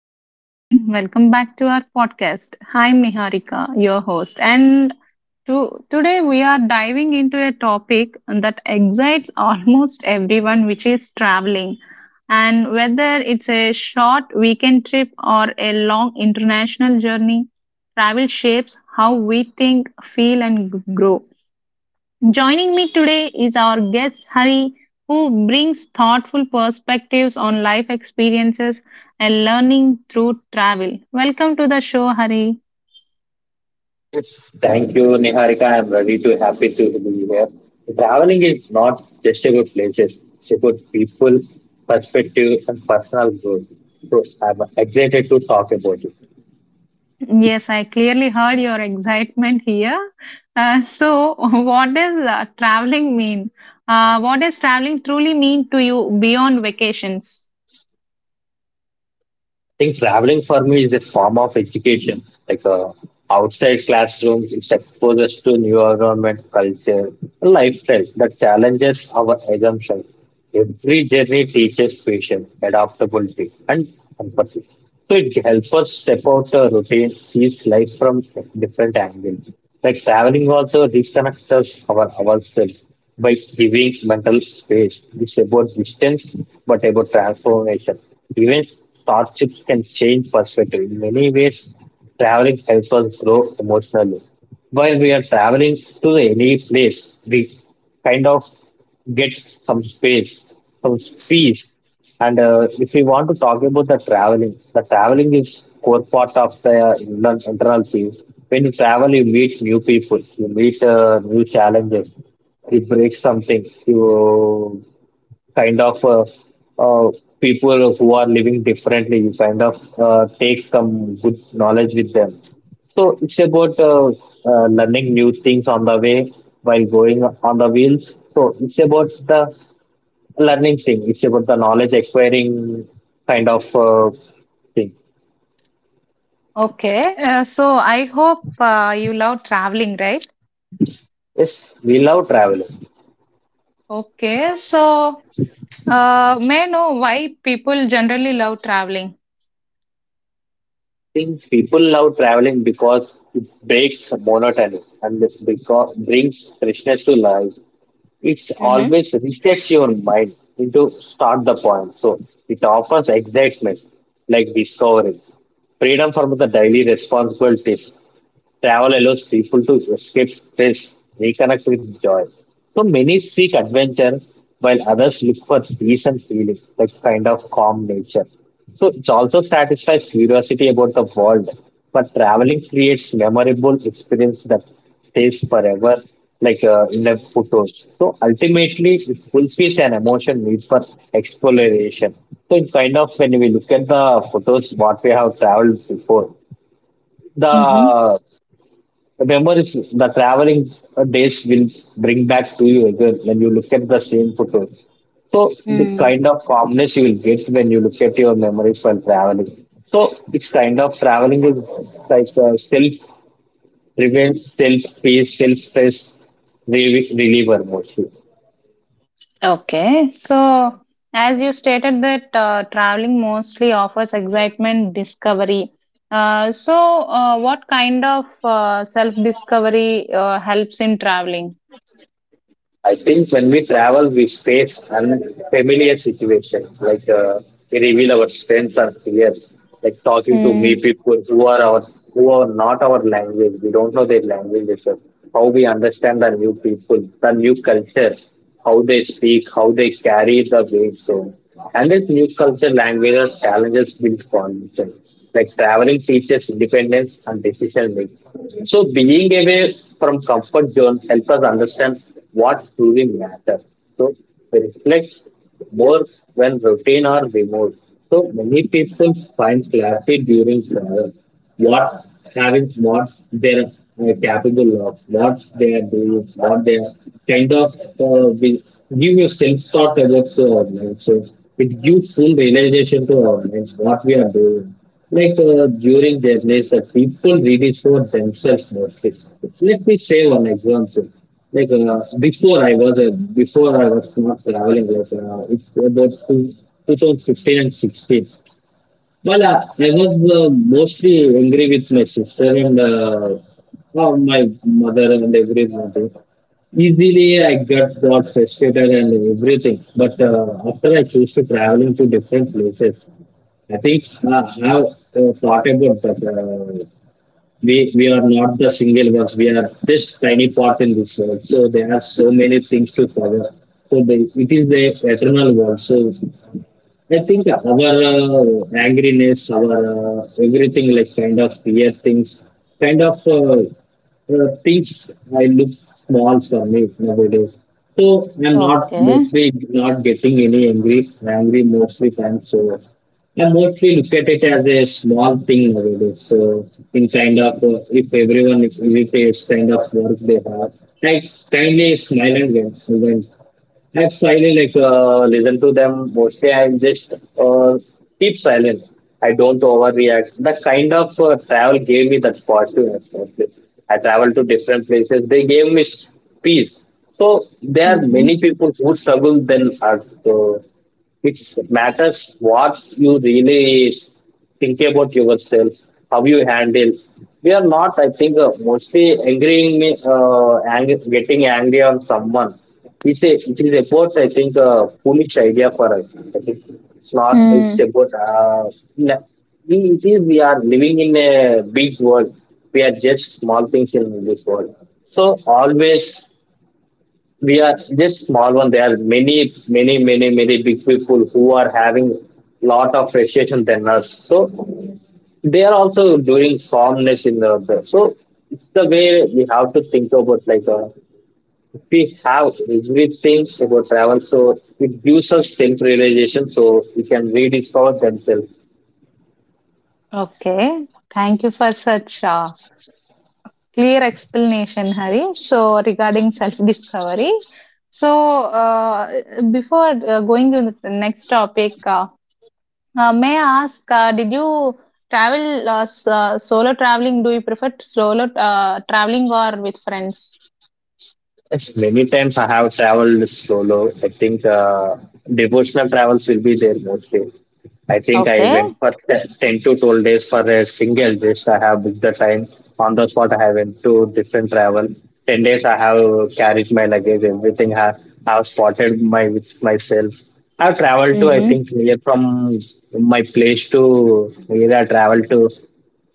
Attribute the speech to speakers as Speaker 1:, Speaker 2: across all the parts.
Speaker 1: Hello everyone, welcome back to our podcast. I'm Niharika, your host, and today we are diving into a topic that excites almost everyone, which is traveling. And whether it's a short weekend trip or a long international journey, travel shapes how we think, feel, and grow. Joining me today is our guest Hari, who brings thoughtful perspectives on life experiences and learning through travel. Welcome to the show, Hari.
Speaker 2: Yes. Thank you, Niharika. I'm very too happy to be here. Traveling is not just about places, it's about people, perspective, and personal growth. So I'm excited to talk about it.
Speaker 1: Yes, I clearly heard your excitement here. So, what does traveling mean? What does traveling truly mean to you beyond vacations?
Speaker 2: I think traveling for me is a form of education. Like outside classrooms, it exposes us to new environment, culture, and lifestyle that challenges our assumptions. Every journey teaches patience, adaptability, and empathy. So it helps us step out the routine, sees life from different angles. Like traveling also reconnects us our ourselves by giving mental space. It's about distance, but about transformation. Even hardships can change perspective. In many ways, traveling helps us grow emotionally. While we are traveling to any place, we kind of get some space, some peace. And if we want to talk about the traveling is core part of the internal peace. When you travel, you meet new people, you meet new challenges, you break something, you kind of uh, uh, people who are living differently. You kind of take some good knowledge with them. So it's about learning new things on the way while going on the wheels. So it's about the learning thing. It's about the knowledge acquiring kind of uh, thing.
Speaker 1: Okay, so I hope you love traveling, right?
Speaker 2: Yes, we love traveling.
Speaker 1: Okay, so may I know why people generally love traveling?
Speaker 2: I think people love traveling because it breaks monotony and this because brings freshness to life. It's
Speaker 1: Mhm.
Speaker 2: always resets your mind into start the point. So it offers excitement, like discovery, freedom from the daily responsibilities. Travel allows people to escape stress, reconnect with joy. So many seek adventure while others look for peace and feeling, like kind of calm nature. So it also satisfies curiosity about the world. But traveling creates memorable experience that stays forever, like in the photos. So ultimately, it fulfills an emotion need for exploration. So it kind of when we look at the photos, what we have traveled before,
Speaker 1: Mhm.
Speaker 2: the remember, it's the traveling days will bring back to you again when you look at the same photo. So the
Speaker 1: Mm.
Speaker 2: kind of calmness you will get when you look at your memories while traveling. So it's kind of traveling is like self revenge, self pace, self stress reliever mostly.
Speaker 1: Okay. So, as you stated that traveling mostly offers excitement, discovery. Uh, so, what kind of self-discovery helps in traveling?
Speaker 2: I think when we travel, we face unfamiliar situations, like we reveal our strengths and fears, like talking to me
Speaker 1: Mm.
Speaker 2: people who are our who are not our language. We don't know their language. It's how we understand the new people, the new culture how they speak, how they carry the weight zone. And this new culture languages challenges build confidence. Like traveling teaches independence and decision making. So being away from comfort zone helps us understand what truly matters. So we reflect more when routine are removed. So many people find clarity during travel what having what they're capable of, what they are doing, what they are will give you self thought about to our minds. So it gives full realization to our minds what we are doing. Like during their days, that people read it themselves mostly. Let me say one example. Like before I was not traveling, like it's about two, 2015 and 16. Well, I was mostly angry with my sister and well, my mother and everybody. Easily, I got frustrated and everything. But after I choose to traveling to different places, I think I have thought about that. We are not the single ones. We are just tiny part in this world. So there are so many things to cover. So it is the eternal world. So I think our angriness, our everything like kind of fear things, kind of uh, things I look small for me nowadays. So I'm not
Speaker 1: Okay.
Speaker 2: mostly not getting any angry mostly times am. So I mostly look at it as a small thing nowadays. So in kind of if everyone if irritates kind of work they have, I kindly smile and went. I slightly like listen to them mostly. I just uh, keep silent. I don't overreact. The kind of travel gave me that fortune. Mostly, I traveled to different places. They gave me peace. So there are
Speaker 1: Mm-hmm.
Speaker 2: many people who struggle than us. So which matters what you really think about yourself, how you handle. We are not, I think, mostly angering, getting angry on someone. It is about, I think, a foolish idea for us. I think it's not, it's
Speaker 1: Mm.
Speaker 2: about, na- it is, we are living in a big world. We are just small things in this world. So always we are just small one. There are many, many, many, many big people who are having lot of frustration than us. So they are also doing calmness in the other. So it's the way we have to think about like we have everything about travel. So it gives us self realization. So we can rediscover themselves.
Speaker 1: Okay. Thank you for such clear explanation, Hari. So, regarding self-discovery. So, before going to the next topic. May I ask, did you travel solo traveling? Do you prefer solo traveling or with friends?
Speaker 2: Yes, many times I have traveled solo. I think devotional travels will be there mostly. I think I
Speaker 1: Okay.
Speaker 2: went for 10 to 12 days for a single just I have booked the time. On the spot, I went to different travel. 10 days, I have carried my luggage, everything. I have spotted my with myself. I've traveled to, I
Speaker 1: Mm-hmm.
Speaker 2: think, near from my place to where I traveled to,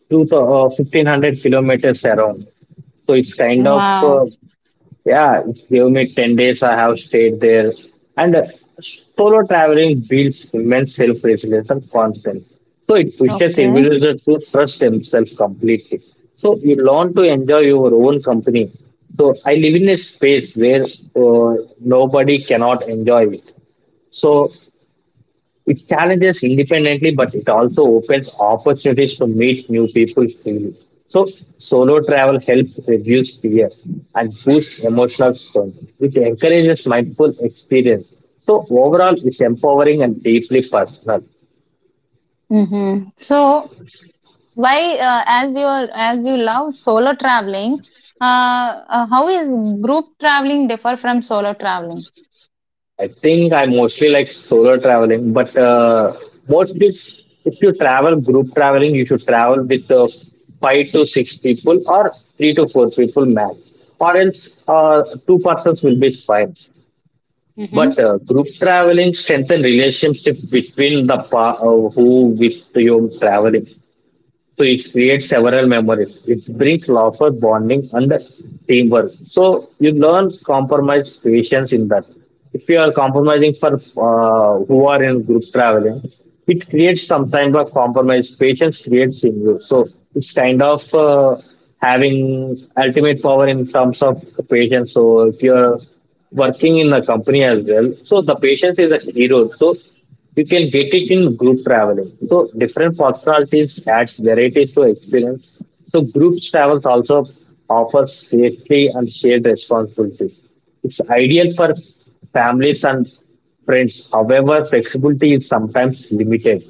Speaker 2: to uh, 1500 kilometers around. So it's kind of
Speaker 1: Wow.
Speaker 2: yeah, give me 10 days, I have stayed there. And solo traveling builds immense self resilience and confidence. So it pushes
Speaker 1: Okay.
Speaker 2: individuals to trust themselves completely. So you learn to enjoy your own company. So I live in a space where nobody cannot enjoy it. So it challenges independently, but it also opens opportunities to meet new people freely. So, solo travel helps reduce fear and boosts emotional strength, which encourages mindful experience. So, overall, it's empowering and deeply personal.
Speaker 1: Mm-hmm. So, why, as you are, as you love solo traveling, how is group traveling differ from solo traveling?
Speaker 2: I think I mostly like solo traveling, but mostly if you travel group traveling, you should travel with five to six people or three to four people max, or else two persons will be fine. But
Speaker 1: Mm-hmm.
Speaker 2: group traveling strengthen relationship between the who with your traveling. So it creates several memories. It brings laughter, bonding, and teamwork. So you learn compromise patience in that. If you are compromising for who are in group traveling, it creates some kind of compromise. Patience creates in you. So it's kind of having ultimate power in terms of patience. So if you are working in a company as well, so the patience is a hero. So you can get it in group traveling. So different personalities adds varieties to experience. So groups travels also offers safety and shared responsibilities. It's ideal for families and friends. However, flexibility is sometimes limited.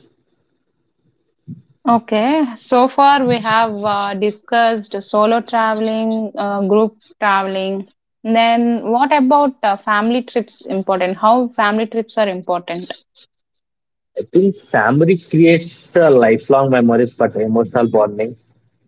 Speaker 1: Okay, so far we have discussed solo traveling, group traveling. Then what about family trips important? How family trips are important?
Speaker 2: I think family creates lifelong memories but emotional bonding.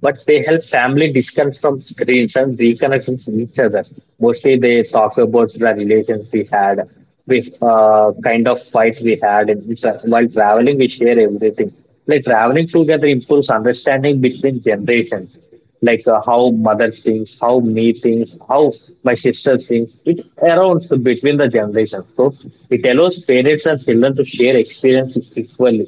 Speaker 2: But they help family disconnect from screens and reconnect with each other. Mostly they talk about the relations we had, with kind of fights we had. And it's, while traveling, we share everything. Like traveling together improves understanding between generations like how mother thinks, how me thinks, how my sister thinks. It arounds between the generations. So it allows parents and children to share experiences equally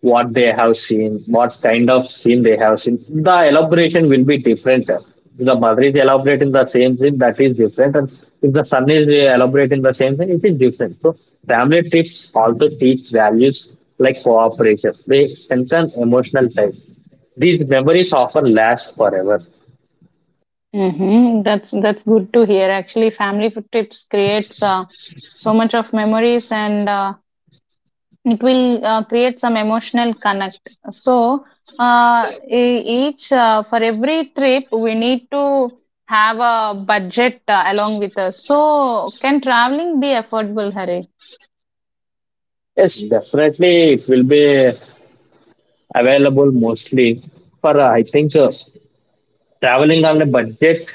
Speaker 2: what they have seen, what kind of scene they have seen. The elaboration will be different. If the mother is elaborating the same thing, that is different. And if the son is elaborating the same thing, it is different. So family trips also teach values like cooperation. They strengthen emotional ties. These memories often last forever.
Speaker 1: Hmm. That's good to hear. Actually, trips creates so much of memories, and it will create some emotional connect. So uh, e- each for every trip we need to have a budget along with us. So can traveling be affordable, Hari?
Speaker 2: Yes, definitely it will be available mostly for I think traveling on a budget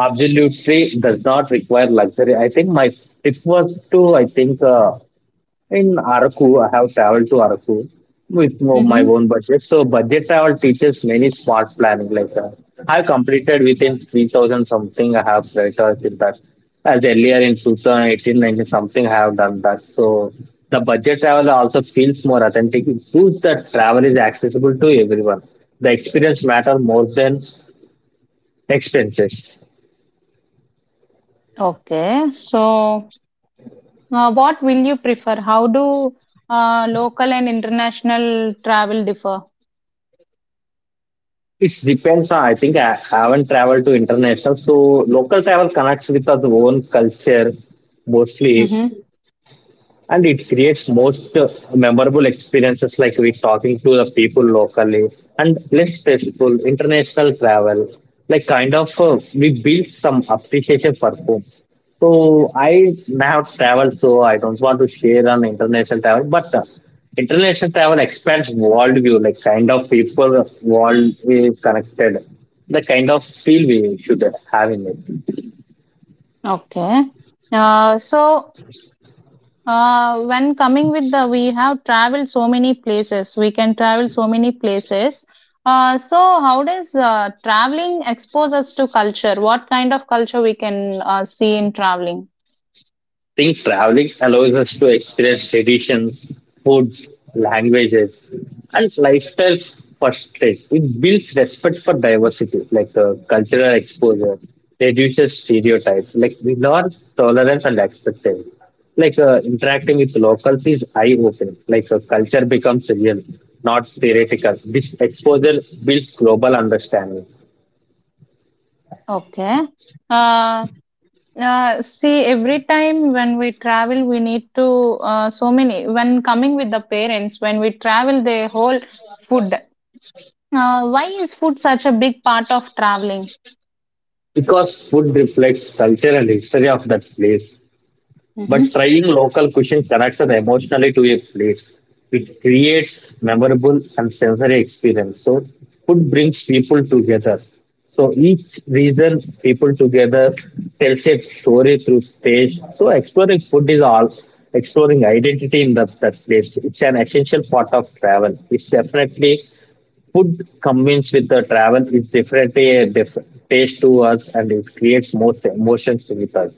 Speaker 2: absolutely does not require luxury. I think my tip was to, I think, in Araku, I have traveled to Araku with my
Speaker 1: Mm-hmm.
Speaker 2: own budget. So, budget travel teaches many smart planning. Like, I completed within 3,000 something, I have prioritized that. As earlier in 2018 19 something, I have done that. So, the budget travel also feels more authentic. It proves that travel is accessible to everyone. The experience matter more than expenses.
Speaker 1: Okay, so what will you prefer? How do local and international travel differ?
Speaker 2: It depends. I think I haven't traveled to international, so local travel connects with our own culture mostly
Speaker 1: Mm-hmm.
Speaker 2: and it creates most memorable experiences like we talking to the people locally and less stressful international travel like kind of we build some appreciation for food. So I have traveled so I don't want to share on international travel. But international travel expands world view like kind of people world is connected, the kind of feel we should have in it.
Speaker 1: Okay, so uh, when coming with the, we have traveled so many places. We can travel so many places. So how does traveling expose us to culture? What kind of culture we can see in traveling?
Speaker 2: Think traveling allows us to experience traditions, foods, languages, and lifestyle firsthand. It builds respect for diversity, cultural exposure, reduces stereotypes, like ignores tolerance and expectations. Interacting with locals is eye-opening. Culture becomes real, not theoretical. This exposure builds global understanding
Speaker 1: Okay. Uh, See, every time when we travel, we need to so many. When coming with the parents, when we travel, the whole food. Why is food such a big part of traveling?
Speaker 2: because food reflects culture and history of that place. But
Speaker 1: Mhm.
Speaker 2: trying local cuisine connects us emotionally to a place. It creates memorable and sensory experience. So food brings people together. So each reason people together tells a story through taste. So exploring food is all exploring identity in that place. It's an essential part of travel. It's definitely food combines with the travel. It's definitely a taste to us, and it creates most emotions with us.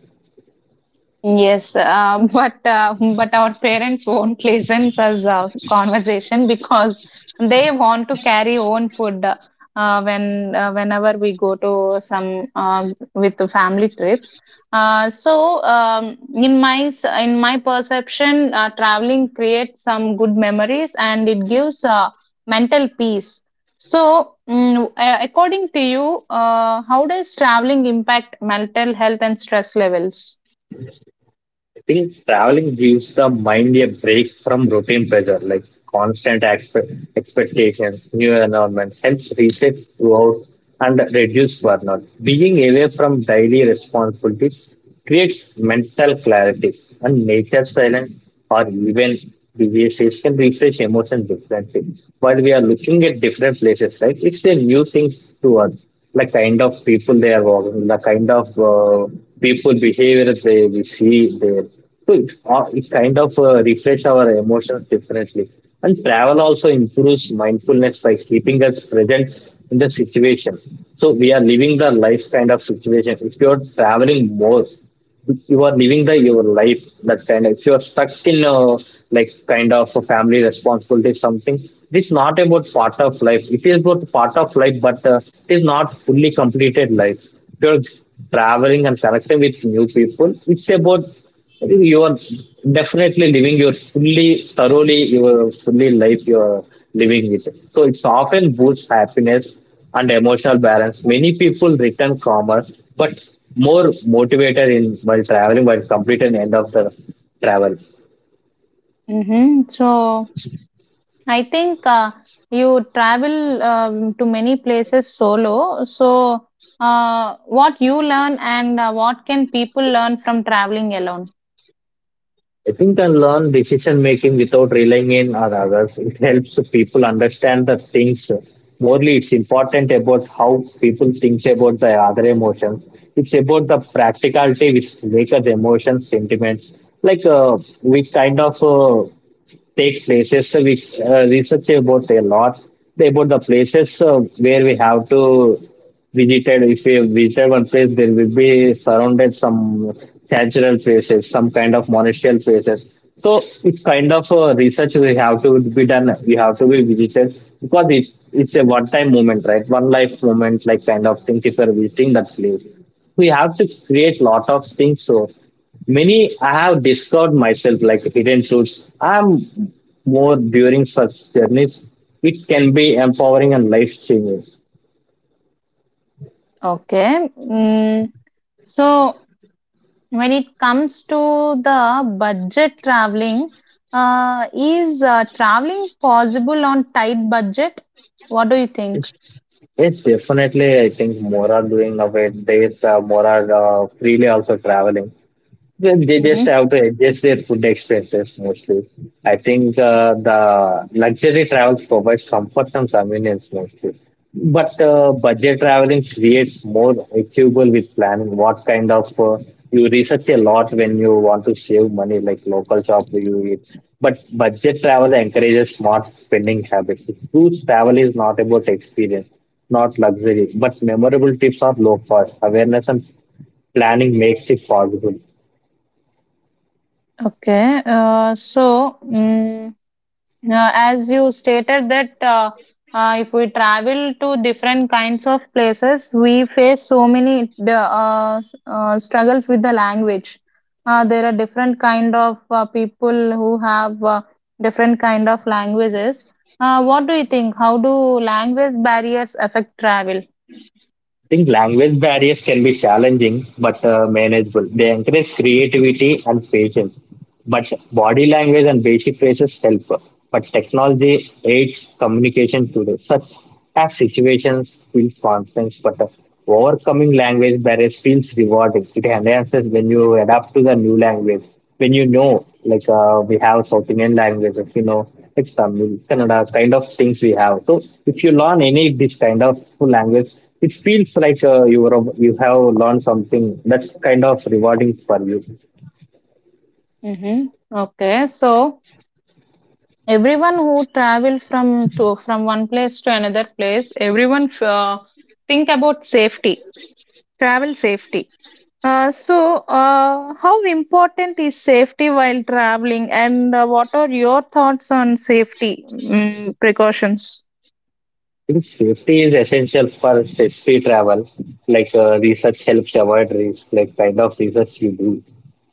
Speaker 1: Yes, but our parents won't listen to us conversation, because they want to carry own food whenever we go to some with the family trips. In my in my perception, traveling creates some good memories, and it gives mental peace. So, according to you, how does traveling impact mental health and stress levels?
Speaker 2: I think traveling gives the mind a break from routine pressure, like constant expectations, new environments, helps reset throughout and reduce burnout. Being away from daily responsibilities creates mental clarity and nature silence or even diseases can refresh emotions differently. But we are looking at different places, right? It's a new thing to us, like kind of people they are walking, the kind of people behavior they we see there. So it kind of refresh our emotions differently. And travel also improves mindfulness by keeping us present in the situation. So we are living the life kind of situation. If you're traveling more, if you are living the your life, that kind of, if you are stuck in a like kind of a family responsibility something, this is not about part of life, it is about part of life, but it is not fully completed life. If you're traveling and connecting with new people, it's about, I think you are definitely living your fully, thoroughly, your fully life you are living it. So it's often boosts happiness and emotional balance. Many people return calmer, but more motivated in while traveling, while complete and end of the travel.
Speaker 1: Mhm. So I think you travel to many places solo. So what you learn, and what can people learn from traveling alone?
Speaker 2: I think I learn decision making without relying in on others. It helps people understand the things. Morely, it's important about how people think about the other emotions. It's about the practicality which make us emotions, sentiments. We kind of take places. So we research about a lot about the places where we have to visited. If we visit one place, there will be surrounded some cultural places, some kind of monastery places. So it's kind of research we have to be done. We have to be visited because it's a one-time moment, right? One life moment, like kind of things. If we are visiting that place, we have to create lot of things. So many I have discovered myself like hidden truths. I'm more during such journeys. It can be empowering and life changing.
Speaker 1: Okay. Mm. So when it comes to the budget traveling, is traveling possible on tight budget? What do you think?
Speaker 2: It's, yes, definitely. I think more are doing nowadays. More are freely also traveling. They just
Speaker 1: Hmm.
Speaker 2: have to adjust their food expenses mostly. I think the luxury travel provides comfort and convenience mostly. But budget traveling creates more achievable with planning. What kind of you research a lot when you want to save money, like local shop you eat. But budget travel encourages smart spending habits. Cruise travel is not about experience, not luxury, but memorable tips are low cost. Awareness and planning makes it possible.
Speaker 1: Okay. As you stated that if we travel to different kinds of places, we face so many struggles with the language. There are different kind of people who have different kind of languages. What do you think? How do language barriers affect travel?
Speaker 2: I think language barriers can be challenging but manageable. They encourage creativity and patience. But body language and basic phrases help. But technology aids communication today, such as situations feels constant. But overcoming language barriers feels rewarding. It enhances when you adapt to the new language. When you know, we have South Indian languages, you know, like Tamil, Kannada, kind of things we have. So if you learn any of this kind of language, it feels like you are, you have learned something that's kind of rewarding for you.
Speaker 1: Hmm. Okay, so everyone who travel from one place to another place, everyone think about safety, travel safety. How important is safety while traveling, and what are your thoughts on safety precautions?
Speaker 2: Think safety is essential for free travel. Research helps avoid risk. Like kind of research you do,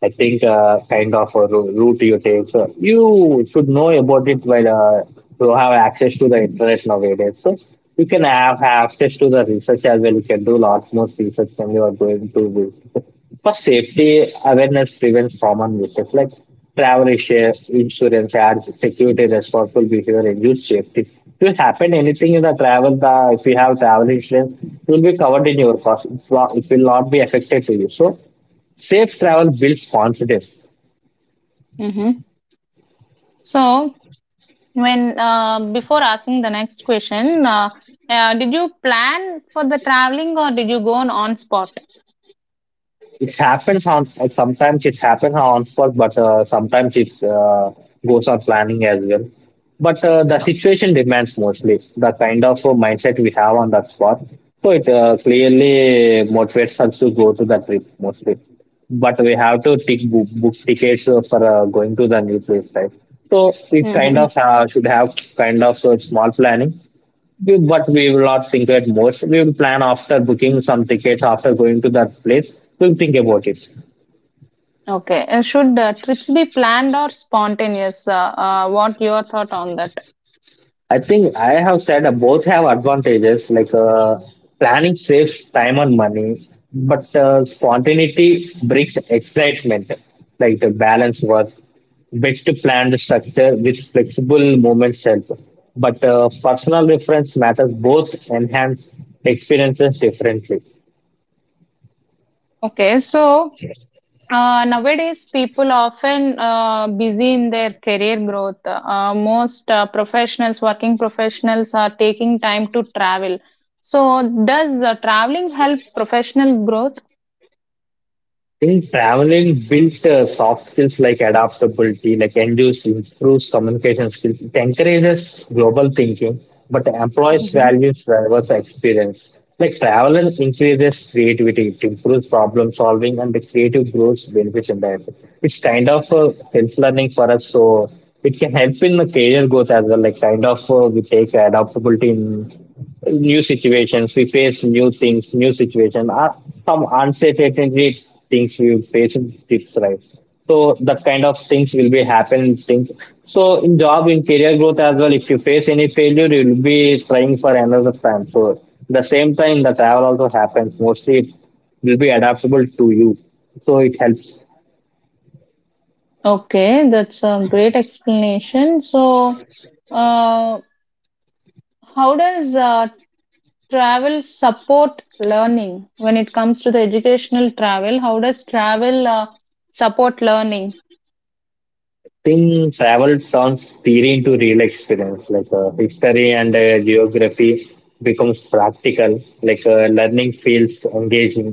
Speaker 2: I think kind of a route you take. So you should know about it while you have access to the internet nowadays. So you can have, access to the research as well. You can do lots more research when you are going to this. For safety, awareness prevents common mistakes like travel issue, insurance, and security responsible behavior, and youth safety. If you happen anything in the travel, the if you have travel insurance, it will be covered in your cost. It will not be affected to you. So, safe travel builds confidence.
Speaker 1: Mm-hmm. So, when before asking the next question, did you plan for the traveling, or did you go on spot?
Speaker 2: It happens on sometimes it happens on spot, but sometimes it goes on planning as well. But the situation demands mostly the kind of mindset we have on that spot. So it clearly motivates us to go to the trip mostly. But we have to book tickets for going to the new place, right? So it kind
Speaker 1: Mm-hmm.
Speaker 2: of should have kind of small planning we- but we will not think at most. We will plan after booking some tickets, after going to that place, we'll think about it.
Speaker 1: Okay. And should trips be planned or spontaneous? What your thought on that?
Speaker 2: I think I have said both have advantages, planning saves time and money, but spontaneity brings excitement, like the balance work. Best planned structure with flexible movements help. But personal reference matters both enhance experiences differently.
Speaker 1: Okay. So, nowadays, people often busy in their career growth. Most professionals, working professionals, are taking time to travel. So, does traveling help professional growth?
Speaker 2: I think traveling built soft skills like adaptability, like endures, improves communication skills. It encourages global thinking, but employs
Speaker 1: Hmm.
Speaker 2: values diverse experience. Like travel increases creativity, it improves problem solving, and the creative growth benefits in that. It's kind of self learning for us, so it can help in the career growth as well. Like kind of we take adaptability in new situations, we face new things, new situation, some uncertainty things we face in tips, right? So that kind of things will be happen things. So in job in career growth as well, if you face any failure, you will be trying for another time. So the same time the travel also happens mostly, it will be adaptable to you. So it helps.
Speaker 1: Okay, that's a great explanation. So, uh, how does travel support learning when it comes to the educational travel? How does travel support learning?
Speaker 2: Think travel turns theory into real experience, like history and geography becomes practical, like learning feels engaging,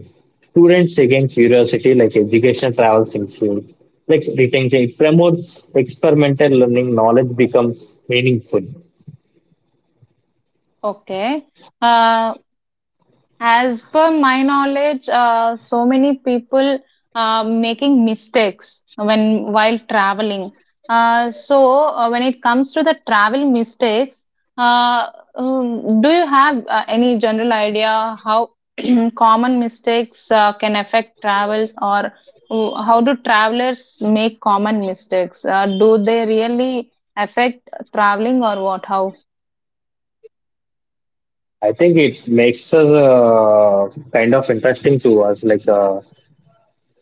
Speaker 2: students again curiosity, like education travels in field, like retention, it promotes experimental learning, knowledge becomes meaningful.
Speaker 1: Okay. Uh, as per my knowledge, so many people making mistakes when while traveling. When it comes to the travel mistakes, uh, do you have any general idea how common mistakes can affect travels? Or how do travelers make common mistakes? Do they really affect traveling, or what? How?
Speaker 2: I think it makes us kind of interesting to us, like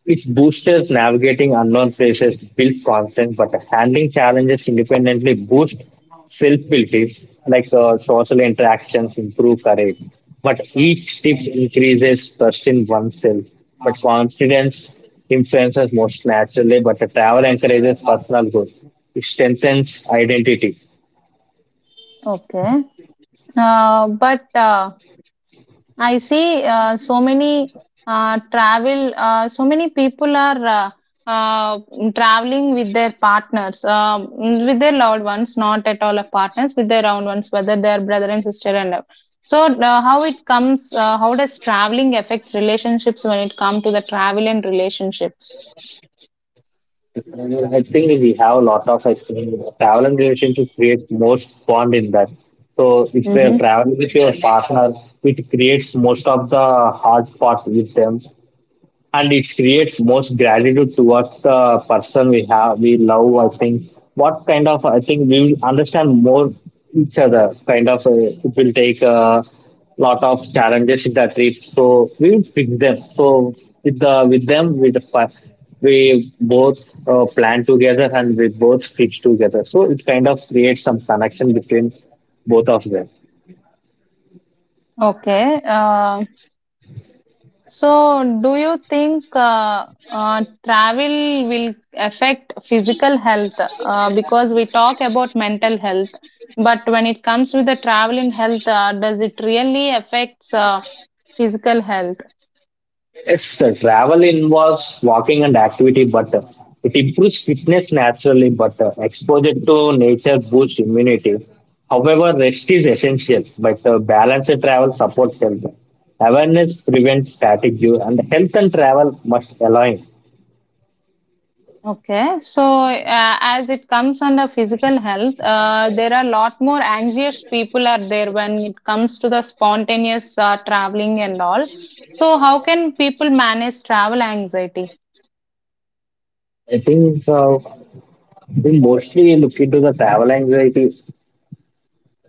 Speaker 2: its boosters navigating unknown places, build confidence, but handling challenges independently boosts self-belief, social interactions improve courage. But each step increases trust in oneself. But confidence influences most naturally, but the travel encourages personal growth. It strengthens identity.
Speaker 1: Okay, but I see so many so many people are uh, uh, traveling with their partners, with their loved ones, not at all of partners, with their own ones, whether they are brother and sister and all. So, how does traveling affects relationships when it comes to the travel and relationships?
Speaker 2: Uh, I think we have a lot of I think travel and relationship creates most bond in that. So if you are
Speaker 1: Mm-hmm.
Speaker 2: traveling with your partner, it creates most of the hard part with them, and it creates most gratitude towards the person we have we love. I think what kind of, I think we will understand more each other kind of it will take a lot of challenges in that trip, so we will fix them. So with the with them with the we both plan together and we both fix together, so it kind of creates some connection between both of them.
Speaker 1: Okay. Um, so, do you think travel will affect physical health? Because we talk about mental health, but when it comes with the travel in health, does it really affects physical health?
Speaker 2: Yes, the travel involves walking and activity, but it improves fitness naturally, but exposure to nature boosts immunity. However, rest is essential, but balanced travel supports health. Awareness prevents fatigue, and health and travel must align.
Speaker 1: Okay, so as it comes under physical health, there are a lot more anxious people are there when it comes to the spontaneous traveling and all. So, how can people manage travel anxiety?
Speaker 2: I think we mostly look into the travel anxiety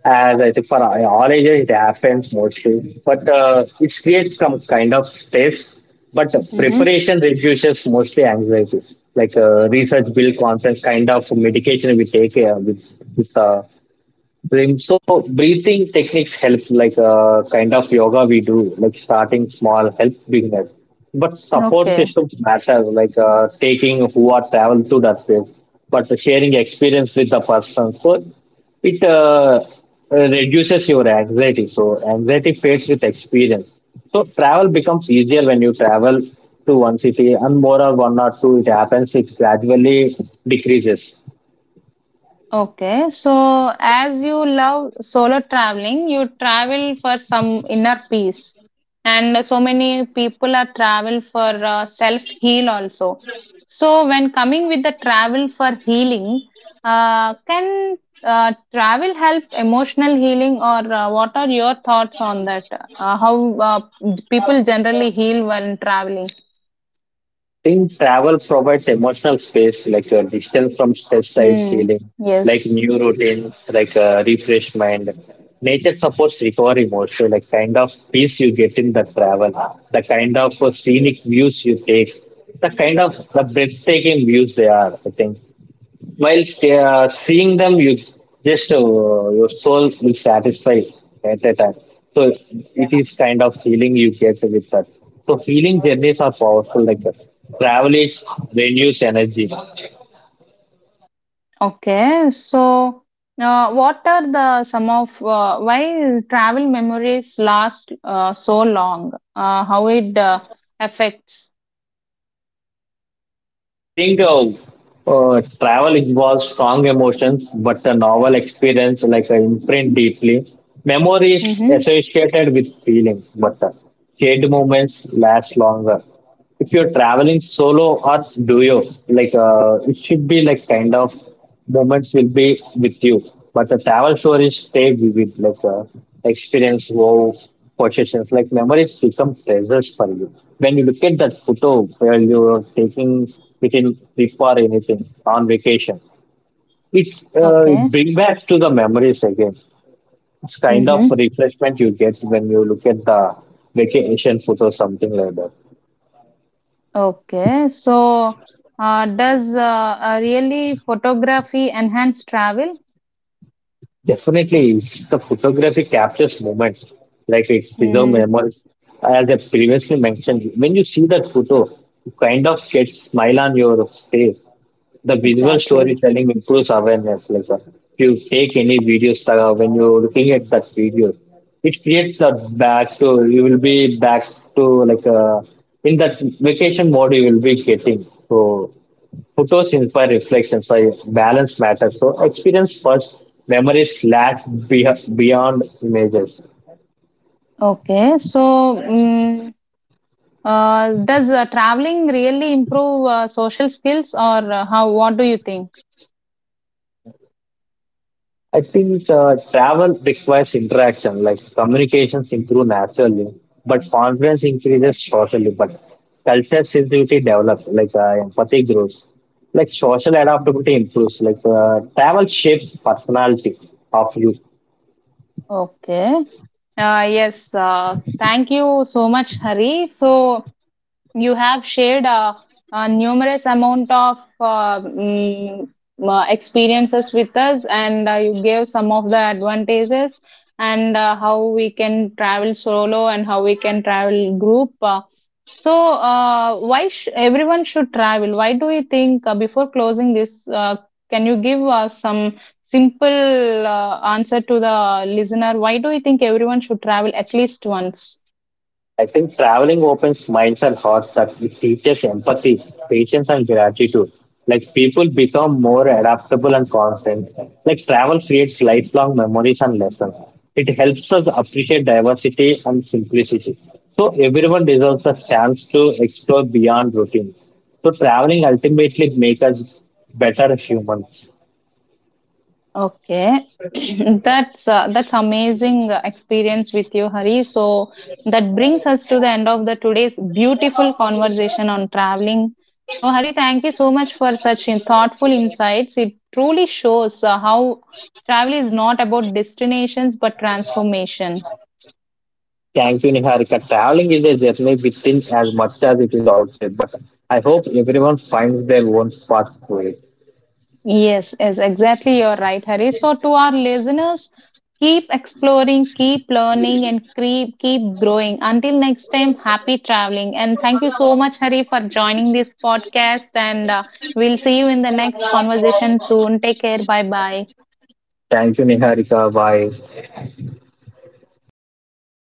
Speaker 2: as I think for all ages it happens mostly, but it creates some kind of stress. But
Speaker 1: Mm-hmm.
Speaker 2: preparation reduces mostly anxiety. Research build confidence, kind of medication we take with Brim. So breathing techniques help, kind of yoga we do, like starting small helps beginners. But support
Speaker 1: Okay.
Speaker 2: systems matter, taking who are travel to that place, but sharing experience with the person. So it reduces your anxiety. So anxiety fades with experience. So travel becomes easier when you travel to one city and more or one or two. It happens. It gradually decreases.
Speaker 1: Okay, so as you love solo traveling, you travel for some inner peace, and so many people are travel for self heal also. So when coming with the travel for healing, can travel help emotional healing? Or what are your thoughts on that? How people generally heal when traveling?
Speaker 2: Think travel provides emotional space, distance from stress side
Speaker 1: Hmm.
Speaker 2: healing, like
Speaker 1: Yes.
Speaker 2: new routines, refreshment. Nature supports recovery mostly, like kind of peace you get in the travel, the kind of scenic views you take, the kind of the breathtaking views they are. I think while seeing them, you just your soul will satisfy at that time. So it is kind of healing you get with that. So healing journeys are powerful like that. Travel is renews energy.
Speaker 1: Okay, so what are the some of why travel memories last so long? How it affects?
Speaker 2: I think travel involves strong emotions, but the novel experience like imprint deeply. Memory is
Speaker 1: Mm-hmm.
Speaker 2: associated with feelings, but the shared moments last longer. If you're traveling solo or duo, it should be like kind of moments will be with you. But the travel stories stay vivid, experience, wow, possessions, like memories become treasures for you. When you look at that photo where you are taking within trip or anything on vacation, it, it
Speaker 1: Okay.
Speaker 2: brings back to the memories again. It's kind of
Speaker 1: Mm-hmm.
Speaker 2: refreshment you get when you look at the vacation photo, something like that.
Speaker 1: Okay. So does really photography enhance travel?
Speaker 2: Definitely, the photography captures moments, like it preserves
Speaker 1: Mm,
Speaker 2: memories. As I previously mentioned, when you see that photo, you kind of get smile on your face. The visual
Speaker 1: exactly.
Speaker 2: storytelling improves awareness. If you take any videos, when you're looking at that video, it creates a back to you will be back to in that vacation mode you will be getting. So photos inspire reflection, so balance matters. So experience first, memories last be beyond images.
Speaker 1: Okay. So, does traveling really improve social skills? Or how? What do you think?
Speaker 2: I think travel requires interaction, like communications improve naturally, but confidence increases socially. But culture sensitivity develops, empathy grows, like social adaptability improves, travel shapes personality of you.
Speaker 1: Okay. Yes, thank you so much, Hari. So, you have shared numerous amount of experiences with us, and you gave some of the advantages, and how we can travel solo and how we can travel group. So, why everyone should travel? Why do you think? Before closing this, can you give us some simple answer to the listener? Why do you think everyone should travel at least once?
Speaker 2: I think traveling opens minds and hearts that it teaches empathy, patience, and gratitude. Like people become more adaptable and confident. Like travel creates lifelong memories and lessons. It helps us appreciate diversity and simplicity. So everyone deserves a chance to explore beyond routine. So traveling ultimately makes us better humans.
Speaker 1: Okay. That's amazing experience with you, Hari. So that brings us to the end of the today's beautiful conversation on traveling. So Hari, thank you so much for such thoughtful insights. It truly shows how travel is not about destinations but transformation.
Speaker 2: Thank you, Niharika. Traveling is a journey within as much as it is outside, but I hope everyone finds their own path to it.
Speaker 1: Yes, yes, exactly. You're right, Hari. So, to our listeners, keep exploring, keep learning, and keep growing. Until next time, happy traveling. And thank you so much, Hari, for joining this podcast. And we'll see you in the next conversation soon. Take care. Bye bye.
Speaker 2: Thank you, Niharika. Bye.